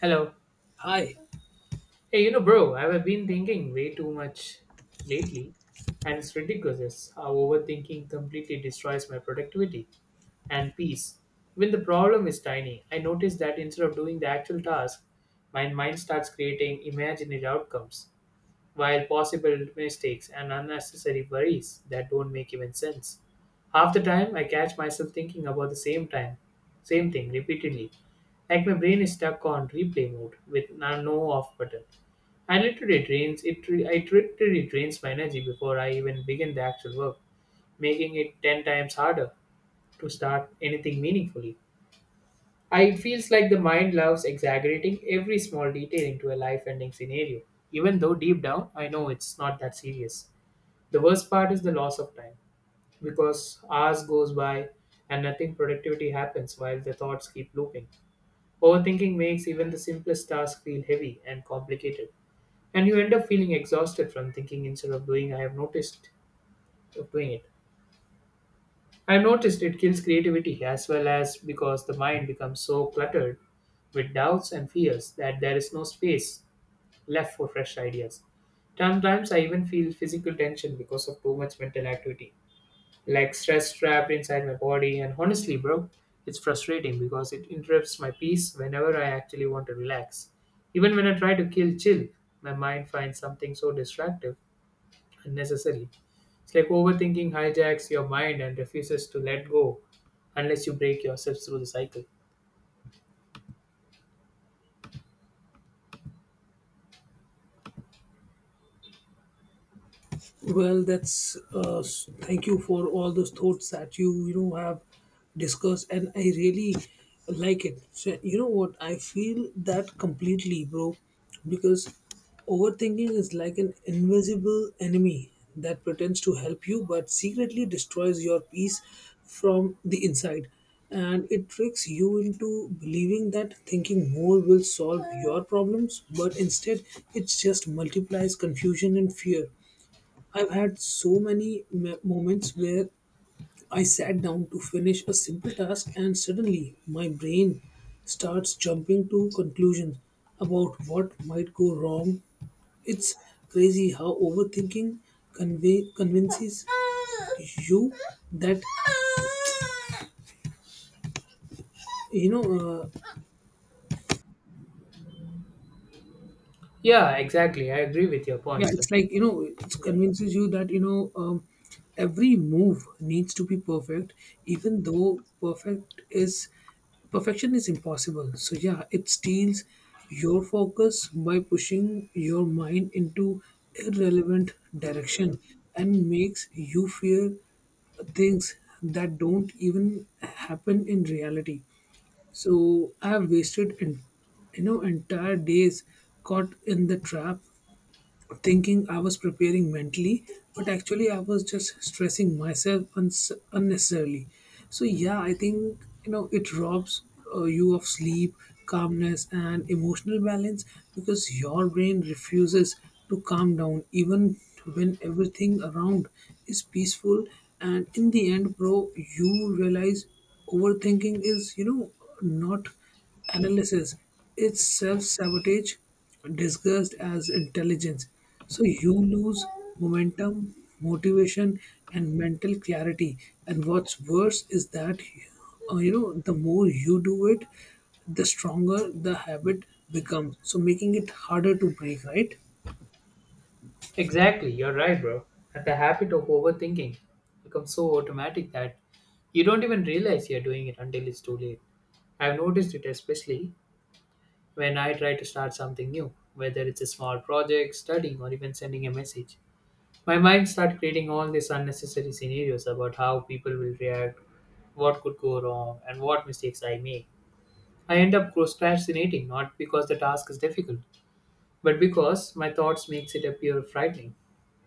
Hello. Hi. Hey, bro, I've been thinking way too much lately, and it's ridiculous how overthinking completely destroys my productivity and peace. When the problem is tiny, I notice that instead of doing the actual task, my mind starts creating imaginary outcomes, while possible mistakes and unnecessary worries that don't make even sense. Half the time, I catch myself thinking about the same thing repeatedly, like my brain is stuck on replay mode with no off button. I literally drains it. I literally drains my energy before I even begin the actual work, making it ten times harder to start anything meaningfully. It feels like the mind loves exaggerating every small detail into a life-ending scenario, even though deep down I know it's not that serious. The worst part is the loss of time, because hours goes by and nothing productivity happens while the thoughts keep looping. Overthinking makes even the simplest task feel heavy and complicated, and you end up feeling exhausted from thinking instead of doing it. I've noticed it kills creativity as well, as because the mind becomes so cluttered with doubts and fears that there is no space left for fresh ideas. Sometimes I even feel physical tension because of too much mental activity, like stress trapped inside my body. And honestly, bro, it's frustrating because it interrupts my peace whenever I actually want to relax. Even when I try to kill chill, my mind finds something so distractive, unnecessary. It's like overthinking hijacks your mind and refuses to let go unless you break yourself through the cycle. Well, that's thank you for all those thoughts that you know have discussed, and I really like it. So you know what? I feel that completely, bro, because overthinking is like an invisible enemy that pretends to help you but secretly destroys your peace from the inside, and it tricks you into believing that thinking more will solve your problems, but instead it just multiplies confusion and fear. I've had so many moments where I sat down to finish a simple task and suddenly my brain starts jumping to conclusions about what might go wrong. It's crazy how overthinking convey convinces you that, you know uh, Yeah, exactly. I agree with your yeah, points. it's like, you know, it Yeah, convinces you that, every move needs to be perfect, even though perfection is impossible. So yeah, it steals your focus by pushing your mind into irrelevant direction and makes you fear things that don't even happen in reality. So I have wasted, you know, entire days caught in the trap thinking I was preparing mentally, but actually I was just stressing myself unnecessarily. So yeah, I think, you know, it robs, you of sleep, calmness, and emotional balance because your brain refuses to calm down even when everything around is peaceful. And in the end, bro, you realize overthinking is, you know, not analysis, is self sabotage disguised as intelligence. So you lose momentum, motivation, and mental clarity. And what's worse is that, you know, the more you do it, the stronger the habit becomes, so making it harder to break, right? exactly. You're right, bro. And the habit of overthinking becomes so automatic that you don't even realize you're doing it until it's too late. I've noticed it especially when I try to start something new, whether it's a small project, studying, or even sending a message. My mind started creating all these unnecessary scenarios about how people will react, what could go wrong, and what mistakes I make. I end up procrastinating not because the task is difficult, but because my thoughts makes it appear frightening.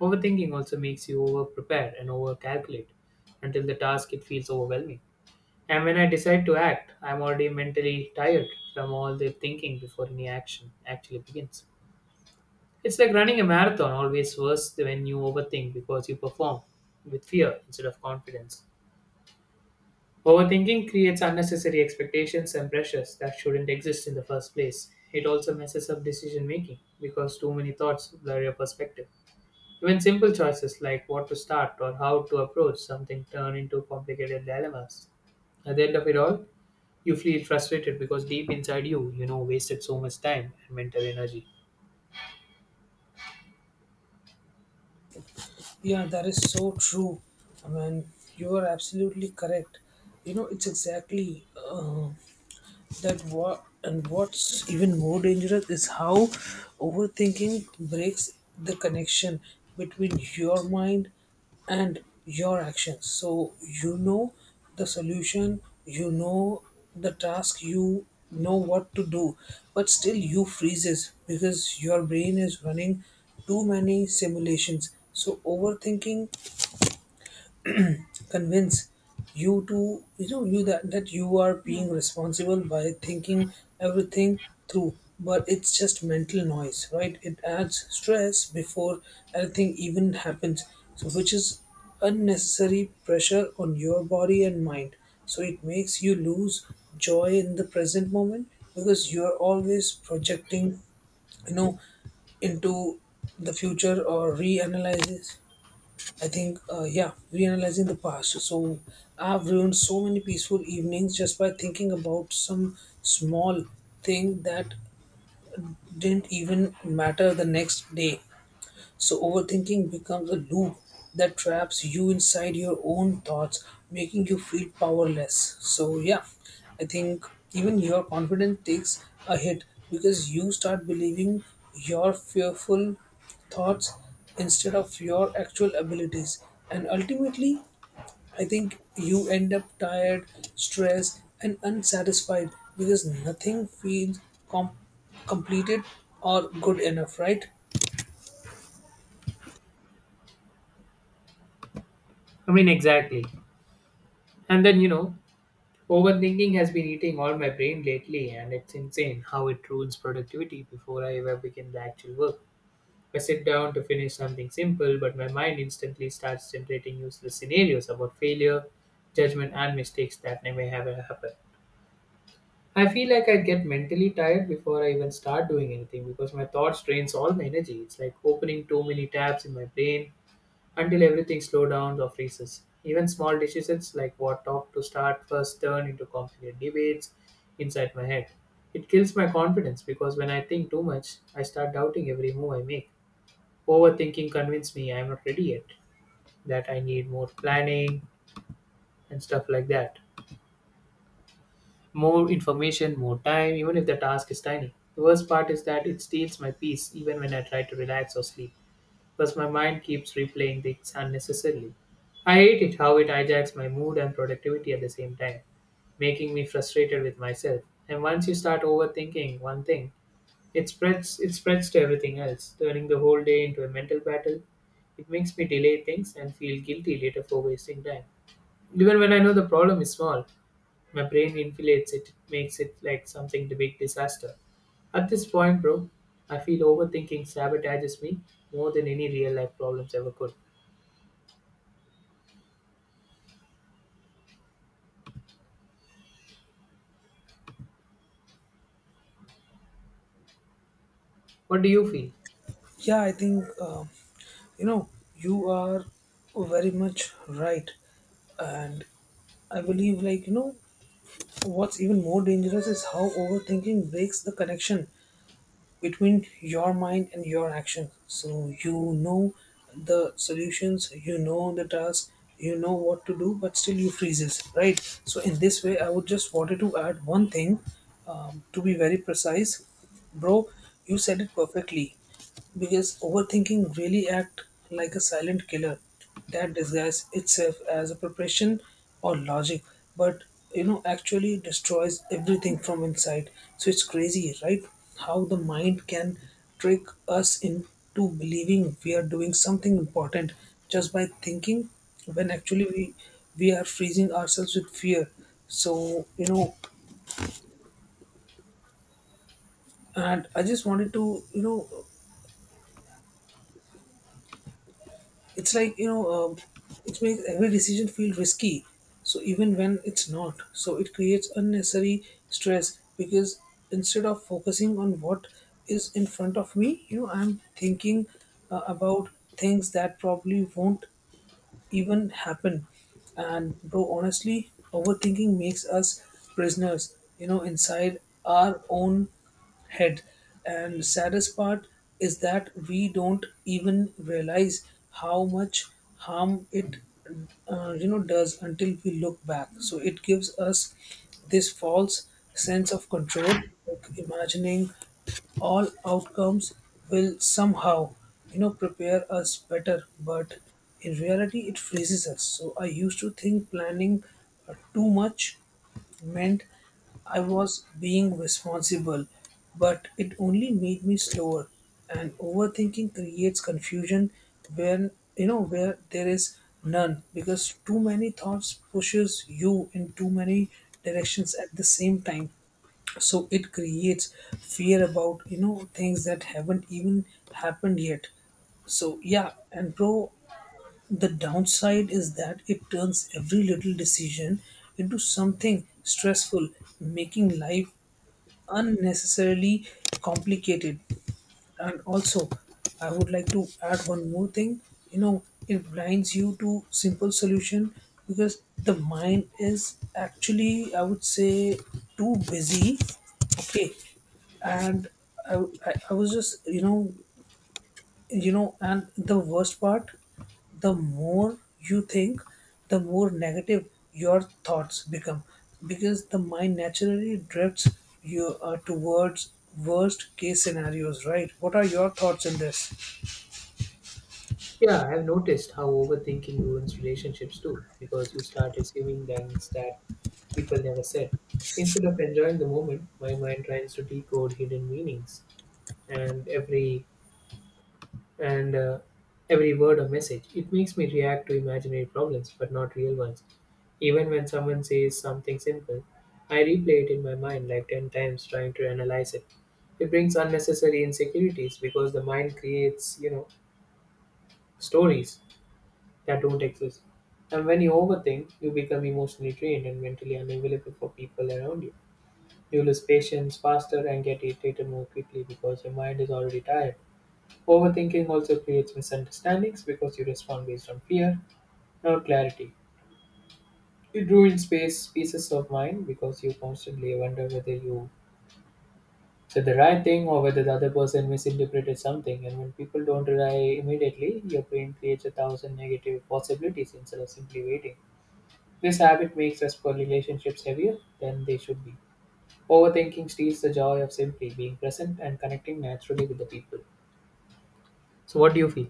Overthinking also makes you over prepare and over calculate until the task it feels overwhelming. And when I decide to act, I'm already mentally tired from all the thinking before any action actually begins. It's like running a marathon, always worse when you overthink because you perform with fear instead of confidence. Overthinking creates unnecessary expectations and pressures that shouldn't exist in the first place. It also messes up decision making because too many thoughts blur your perspective. Even simple choices like what to start or how to approach something turn into complicated dilemmas. At the end of it all, you feel frustrated because deep inside you wasted so much time and mental energy. Yeah, that is so true. I mean, you are absolutely correct. You know, it's exactly, that, what and what's even more dangerous is how overthinking breaks the connection between your mind and your actions. So you know the solution, you know the task, you know what to do, but still you freezes because your brain is running too many simulations. So overthinking convince you to, you know, that you are being responsible by thinking everything through, but it's just mental noise, right? It adds stress before anything even happens, so which is unnecessary pressure on your body and mind. So it makes you lose joy in the present moment because you're always projecting, you know, into the future or reanalyzing. I think, yeah, reanalyzing the past. So I've ruined so many peaceful evenings just by thinking about some small thing that didn't even matter the next day. So, overthinking becomes a loop that traps you inside your own thoughts, making you feel powerless. So, yeah, I think even your confidence takes a hit because you start believing your fearful thoughts instead of your actual abilities. And ultimately, I think you end up tired, stressed, and unsatisfied because nothing feels com- completed or good enough, right? I mean, exactly. And then overthinking has been eating all my brain lately, and it's insane how it ruins productivity before I ever begin the actual work. I sit down to finish something simple, but my mind instantly starts generating useless scenarios about failure, judgment, and mistakes that never ever happen. I feel like I get mentally tired before I even start doing anything because my thoughts drains all my energy. It's like opening too many tabs in my brain until everything slows down or freezes. Even small decisions like what talk to start first turn into complicated debates inside my head. It kills my confidence because when I think too much, I start doubting every move I make. Overthinking convinced me I'm not ready yet, that I need more planning and stuff like that. More information, more time, even if the task is tiny. The worst part is that it steals my peace even when I try to relax or sleep, because my mind keeps replaying things unnecessarily. I hate it how it hijacks my mood and productivity at the same time, making me frustrated with myself. And once you start overthinking one thing, it spreads to everything else, turning the whole day into a mental battle. It makes me delay things and feel guilty later for wasting time. Even when I know the problem is small, my brain inflates it, it makes it like something the big disaster. At this point, bro, I feel overthinking sabotages me more than any real life problems ever could. What do you feel? Yeah, I think. You know, you are very much right. And I believe, like, you know, what's even more dangerous is how overthinking breaks the connection between your mind and your action. So you know the solutions, you know the task, you know what to do, but still you freezes, right? So in this way, I would just wanted to add one thing, to be very precise, bro. You said it perfectly because overthinking really act like a silent killer that disguises itself as a preparation or logic, but, you know, actually destroys everything from inside. So it's crazy, right? How the mind can trick us into believing we are doing something important just by thinking when actually we are freezing ourselves with fear. So, you know, and I just wanted to, you know, it's like, it makes every decision feel risky, so even when it's not. So it creates unnecessary stress because instead of focusing on what is in front of me, you know, I'm thinking, about things that probably won't even happen. And bro, honestly, overthinking makes us prisoners, you know, inside our own head. And saddest part is that we don't even realize how much harm it, you know, does until we look back. So it gives us this false sense of control, like imagining all outcomes will somehow, you know, prepare us better, but in reality it freezes us. So I used to think planning too much meant I was being responsible, but it only made me slower. And overthinking creates confusion when, you know, where there is none, because too many thoughts pushes you in too many directions at the same time. So it creates fear about, you know, things that haven't even happened yet. So yeah, and bro, the downside is that it turns every little decision into something stressful, making life unnecessarily complicated. And also I would like to add one more thing, you know, it blinds you to simple solution because the mind is actually, I would say, too busy, okay. And i, I was just, you know, and the worst part, the more you think, the more negative your thoughts become, because the mind naturally drifts you, towards worst case scenarios, right? What are your thoughts in this? Yeah, I've noticed how overthinking ruins relationships too, because you start assuming things that people never said. Instead of enjoying the moment, my mind tries to decode hidden meanings and every and every word or message. It makes me react to imaginary problems, but not real ones. Even when someone says something simple, I replay it in my mind like 10 times trying to analyze it. It brings unnecessary insecurities because the mind creates stories that don't exist. And when you overthink, you become emotionally drained and mentally unavailable for people around you. You lose patience faster and get irritated more quickly because your mind is already tired. Overthinking also creates misunderstandings because you respond based on fear, not clarity. It ruins space pieces of mind because you constantly wonder whether you said the right thing or whether the other person misinterpreted something. And when people don't rely immediately, your brain creates a thousand negative possibilities instead of simply waiting. This habit makes us for relationships heavier than they should be. Overthinking steals the joy of simply being present and connecting naturally with the people. So, what do you feel?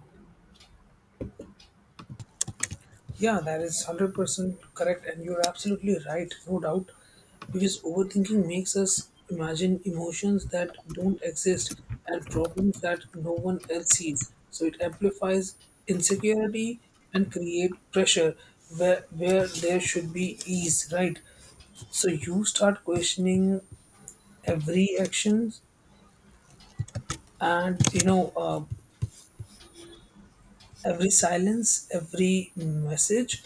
Yeah, that is 100% correct, and you're absolutely right, no doubt. Because overthinking makes us imagine emotions that don't exist and problems that no one else sees. So it amplifies insecurity and create pressure where there should be ease, right? So you start questioning every action and, you know, every silence, every message,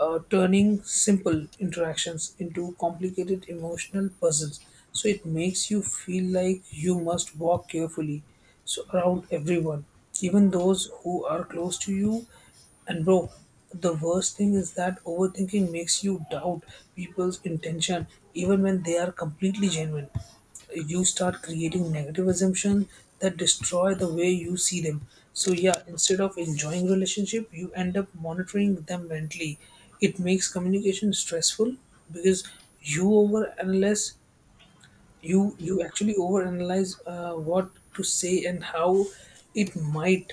turning simple interactions into complicated emotional puzzles. So it makes you feel like you must walk carefully so around everyone, even those who are close to you. And bro, the worst thing is that overthinking makes you doubt people's intention even when they are completely genuine. You start creating negative assumptions that destroy the way you see them. So yeah, instead of enjoying relationship, you end up monitoring them mentally. It makes communication stressful because you overanalyze you actually overanalyze, what to say and how it might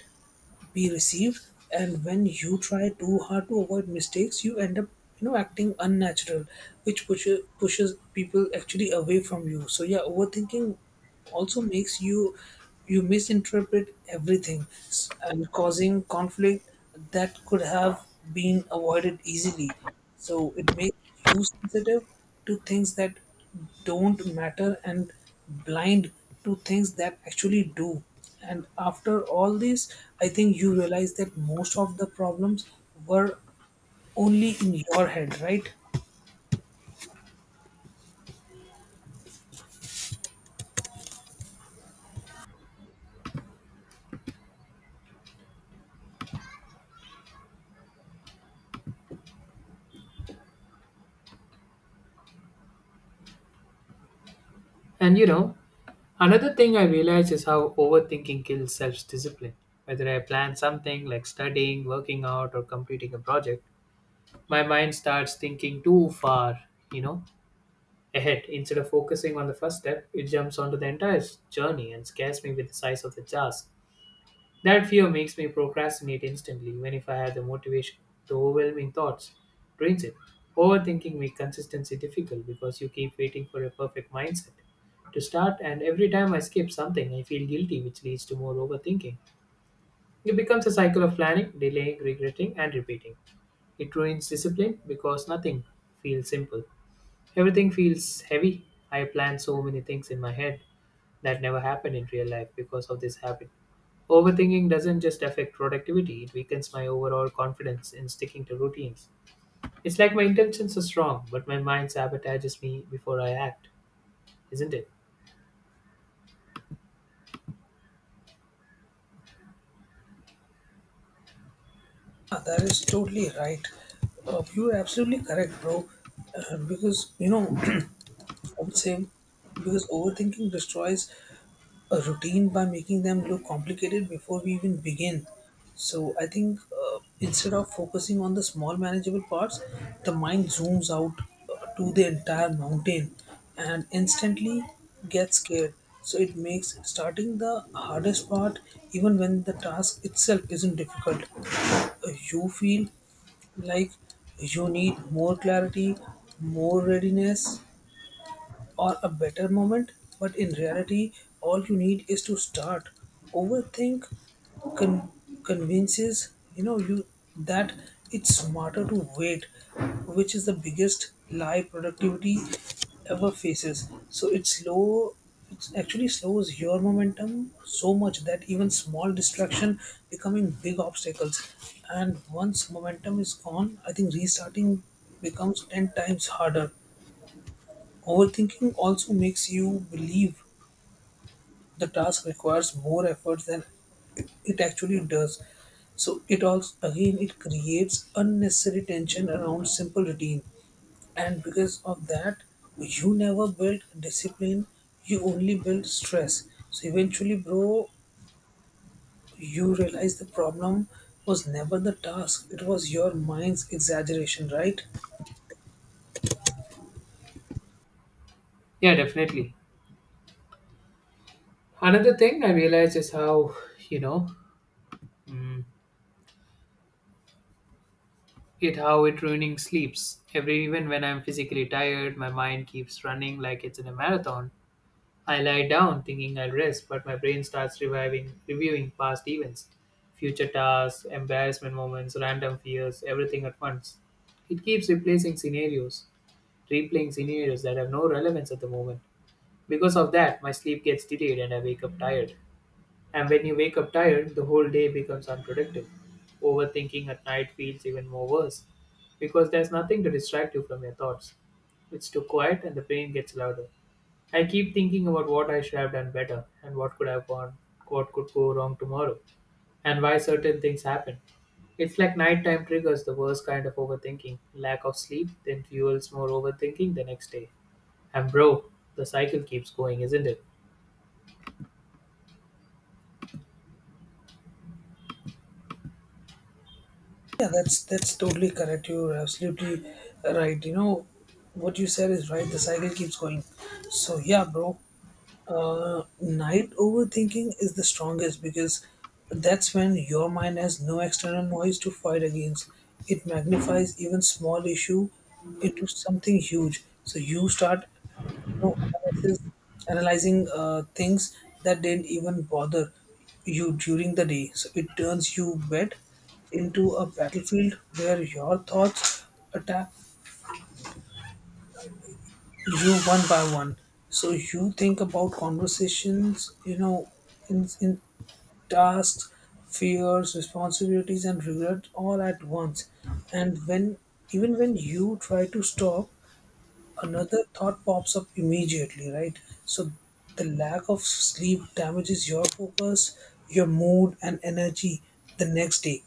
be received. And when you try too hard to avoid mistakes, you end up, you know, acting unnatural, which pushes people actually away from you. So yeah, overthinking also makes you misinterpret everything and causing conflict that could have been avoided easily. So it makes you sensitive to things that don't matter and blind to things that actually do. And after all this, I think you realize that most of the problems were only in your head, right? And another thing I realize is how overthinking kills self discipline. Whether I plan something like studying, working out, or completing a project, my mind starts thinking too far, you know, ahead. Instead of focusing on the first step, it jumps onto the entire journey and scares me with the size of the task. That fear makes me procrastinate instantly, even if I have the motivation. The overwhelming thoughts drains it. Overthinking makes consistency difficult because you keep waiting for a perfect mindset to start, and every time I skip something, I feel guilty, which leads to more overthinking. It becomes a cycle of planning, delaying, regretting, and repeating. It ruins discipline because nothing feels simple. Everything feels heavy. I plan so many things in my head that never happened in real life because of this habit. Overthinking doesn't just affect productivity, it weakens my overall confidence in sticking to routines. It's like my intentions are strong, but my mind sabotages me before I act, isn't it? Ah, that is totally right. You're absolutely correct, bro. Because, you know, I would say, because overthinking destroys a routine by making them look complicated before we even begin. So I think, instead of focusing on the small manageable parts, the mind zooms out, to the entire mountain and instantly gets scared. So it makes starting the hardest part, even when the task itself isn't difficult. Uh, You feel like you need more clarity, more readiness, or a better moment, but in reality, all you need is to start. Overthink con- convinces, you know, you that it's smarter to wait, which is the biggest lie productivity ever faces. So it's slow. It actually slows your momentum so much that even small distraction becoming big obstacles. And once momentum is gone, I think restarting becomes ten times harder. Overthinking also makes you believe the task requires more effort than it actually does. So it also again it creates unnecessary tension around simple routine, and because of that, you never build discipline. You only build stress. So eventually, bro, you realize the problem was never the task; it was your mind's exaggeration, right? Yeah, definitely. Another thing I realize is how, you know, mm, it how it ruining sleeps. Every even when I'm physically tired, my mind keeps running like it's in a marathon. I lie down thinking I'll rest, but my brain starts reviewing past events, future tasks, embarrassment moments, random fears, everything at once. It keeps replaying scenarios that have no relevance at the moment. Because of that, my sleep gets delayed and I wake up tired. And when you wake up tired, the whole day becomes unproductive. Overthinking at night feels even more worse because there's nothing to distract you from your thoughts. It's too quiet and the brain gets louder. I keep thinking about what I should have done better and what could go wrong tomorrow, and why certain things happen. It's like nighttime triggers the worst kind of overthinking. Lack of sleep then fuels more overthinking the next day. And bro, the cycle keeps going, isn't it? Yeah, that's totally correct. You're absolutely right. You know what you said is right. The cycle keeps going. So yeah, bro. Night overthinking is the strongest because that's when your mind has no external noise to fight against. It magnifies even small issue into something huge. So you start, you know, analyzing, things that didn't even bother you during the day. So it turns your bed into a battlefield where your thoughts attack you one by one. So you think about conversations, you know, in tasks, fears, responsibilities, and regret all at once. And when even when you try to stop, another thought pops up immediately, right? So the lack of sleep damages your focus, your mood, and energy the next day.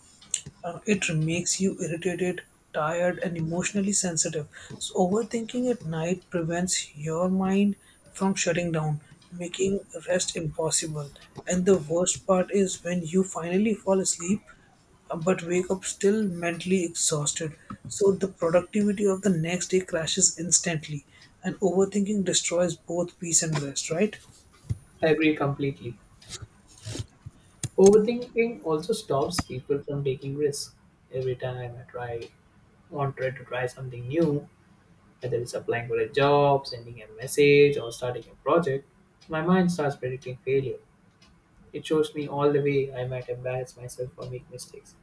It makes you irritated, tired, and emotionally sensitive. So, overthinking at night prevents your mind from shutting down, making rest impossible. And the worst part is when you finally fall asleep, but wake up still mentally exhausted. So, the productivity of the next day crashes instantly, and overthinking destroys both peace and rest, right? I agree completely. Overthinking also stops people from taking risks. Every time I try to try something new, whether it's applying for a job, sending a message, or starting a project, my mind starts predicting failure. It shows me all the way I might embarrass myself or make mistakes.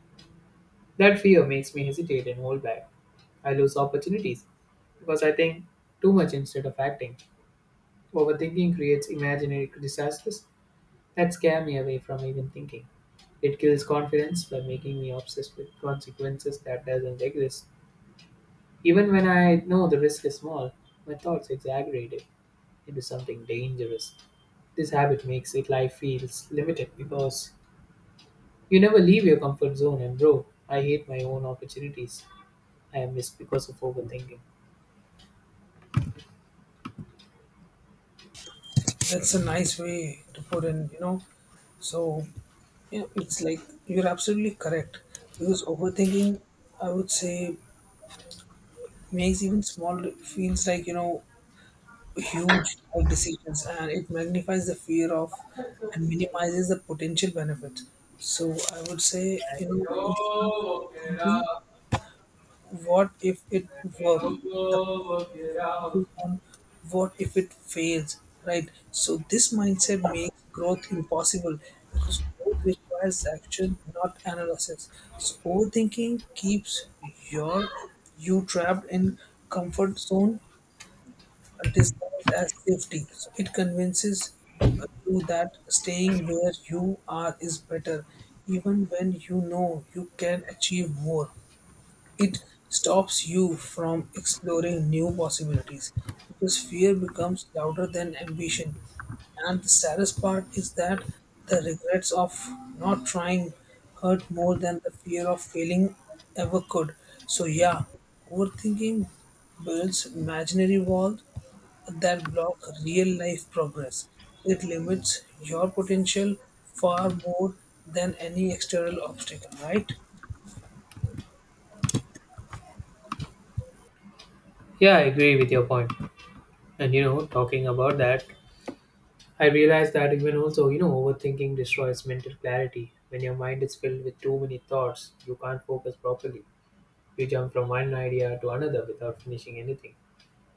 That fear makes me hesitate and hold back. I lose opportunities because I think too much instead of acting. Overthinking creates imaginary disasters that scare me away from even thinking. It kills confidence by making me obsessed with consequences that doesn't exist. Even when I know the risk is small, my thoughts exaggerate it into something dangerous. This habit makes it life feels limited because you never leave your comfort zone, and bro, I hate my own opportunities I miss because of overthinking. That's a nice way to put in, you know. So, yeah, it's like you're absolutely correct because overthinking, I would say, makes even small feels like you know huge like decisions, and it magnifies the fear of and minimizes the potential benefits. So, I would say, you know, instead of thinking, what if it works? The focuses on what if it fails, right? So this mindset makes growth impossible because growth requires action, not analysis. So overthinking keeps your you trapped in comfort zone and disguised as safety. So it convinces you that staying where you are is better, even when you know you can achieve more. It stops you from exploring new possibilities because fear becomes louder than ambition. And the saddest part is that the regrets of not trying hurt more than the fear of failing ever could. So, yeah, overthinking builds imaginary walls that block real life progress. It limits your potential far more than any external obstacle, right? Yeah, I agree with your point. And talking about that, I realized that even also overthinking destroys mental clarity. When your mind is filled with too many thoughts, you can't focus properly. You jump from one idea to another without finishing anything.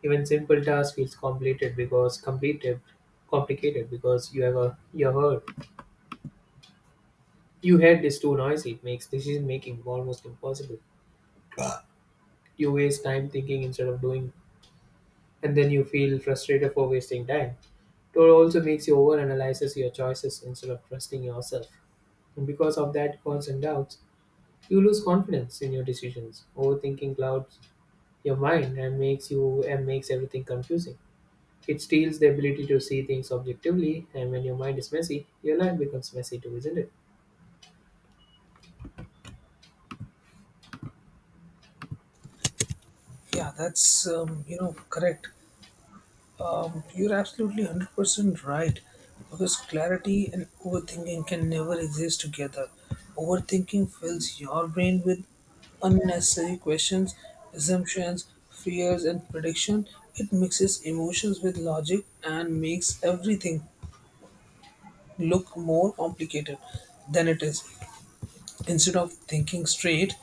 Even simple task feels complicated because you have heard your head is too noisy. It makes decision making almost impossible. You waste time thinking instead of doing, and then you feel frustrated for wasting time. It also makes you overanalyze your choices instead of trusting yourself. And because of that constant doubts, you lose confidence in your decisions. Overthinking clouds your mind and makes you and makes everything confusing. It steals the ability to see things objectively, and when your mind is messy, your life becomes messy too, isn't it? Yeah, that's you know, correct. You're absolutely 100% right because clarity and overthinking can never exist together. Overthinking fills your brain with unnecessary questions, assumptions, fears, and prediction. It mixes emotions with logic and makes everything look more complicated than it is. Instead of thinking straight,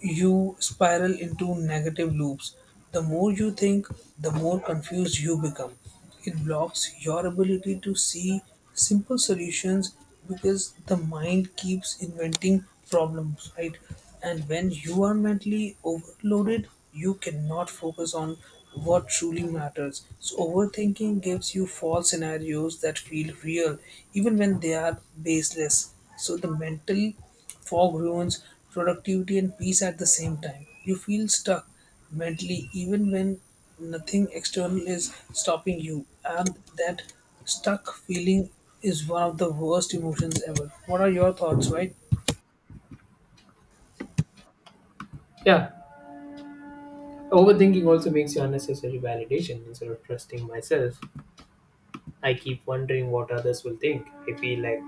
you spiral into negative loops. The more you think, the more confused you become. It blocks your ability to see simple solutions because the mind keeps inventing problems, right? And when you are mentally overloaded, you cannot focus on what truly matters. So, overthinking gives you false scenarios that feel real, even when they are baseless. So, the mental fog ruins productivity and peace at the same time. You feel stuck mentally even when nothing external is stopping you, and that stuck feeling is one of the worst emotions ever. What are your thoughts, right? Yeah, overthinking also makes you unnecessary validation. Instead of trusting myself, I keep wondering what others will think. I feel like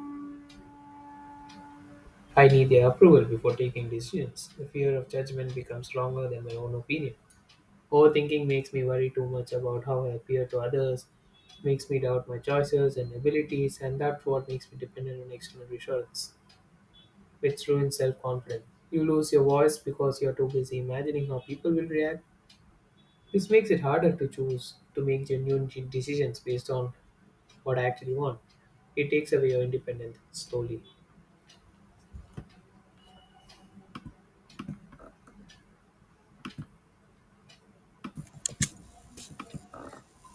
I need their approval before taking decisions. The fear of judgment becomes stronger than my own opinion. Overthinking makes me worry too much about how I appear to others, makes me doubt my choices and abilities, and that's what makes me dependent on external reassurance, which ruins self confidence. You lose your voice because you're too busy imagining how people will react. This makes it harder to choose to make genuine decisions based on what I actually want. It takes away your independence slowly.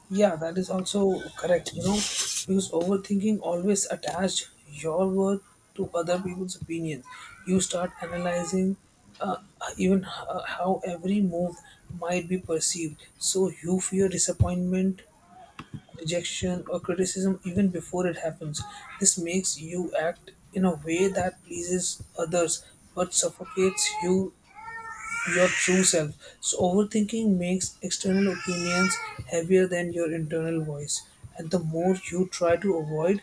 Yeah, that is also correct, you know, because overthinking always attached your worth to other people's opinions. You start analyzing uh, even how every move might be perceived. So you fear disappointment, rejection or criticism even before it happens. This makes you act in a way that pleases others but suffocates you, your true self. So, overthinking makes external opinions heavier than your internal voice. And the more you try to avoid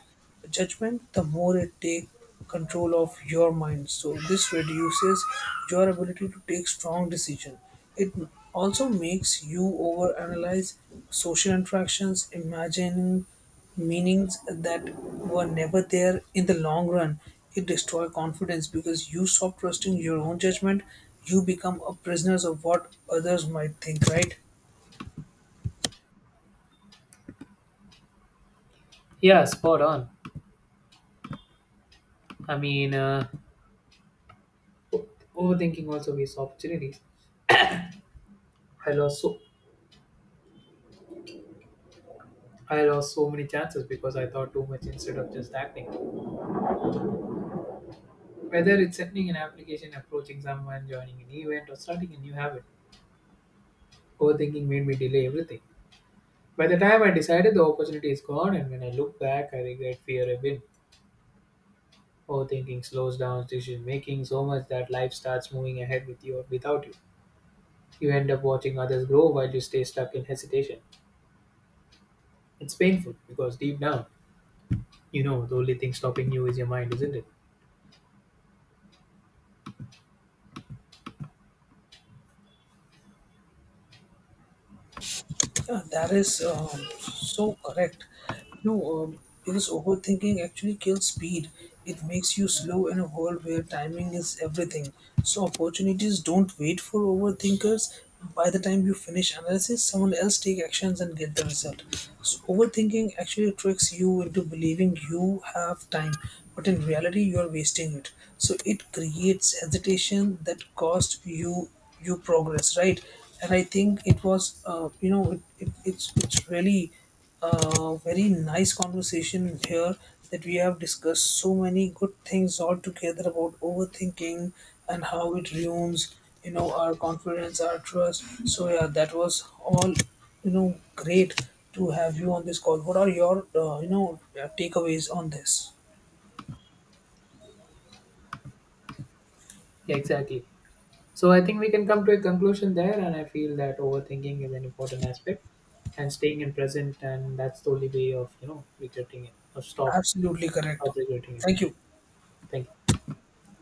judgment, the more it takes control of your mind. So, this reduces your ability to take strong decisions. It also makes you overanalyze social interactions, imagining meanings that were never there in the long run. It destroys confidence because you stop trusting your own judgment. You become a prisoner of what others might think, right? Yeah, spot on. I mean, overthinking also wastes opportunities. I lost so I lost so many chances because I thought too much instead of just acting. Whether it's sending an application, approaching someone, joining an event, or starting a new habit, overthinking made me delay everything. By the time I decided, the opportunity is gone, and when I look back, I regret fear I've been. Overthinking slows down decision making so much that life starts moving ahead with you or without you. You end up watching others grow while you stay stuck in hesitation. It's painful because deep down, you know the only thing stopping you is your mind, isn't it? Yeah, that is so correct. You know, because overthinking actually kills speed. It makes you slow in a world where timing is everything. So opportunities don't wait for overthinkers. By the time you finish analysis, someone else take actions and get the result. So overthinking actually tricks you into believing you have time, but in reality you are wasting it. So it creates hesitation that costs you progress, right? And I think it was you know, it's really a very nice conversation here that we have discussed so many good things all together about overthinking and how it ruins, you know, our confidence, our trust. So yeah, that was all, you know, great to have you on this call. What are your you know, takeaways on this? Yeah, exactly. So I think we can come to a conclusion there, and I feel that overthinking is an important aspect, and staying in present, and that's the only way of regretting it or stop Absolutely correct. stop regretting it. Thank you. Thank you.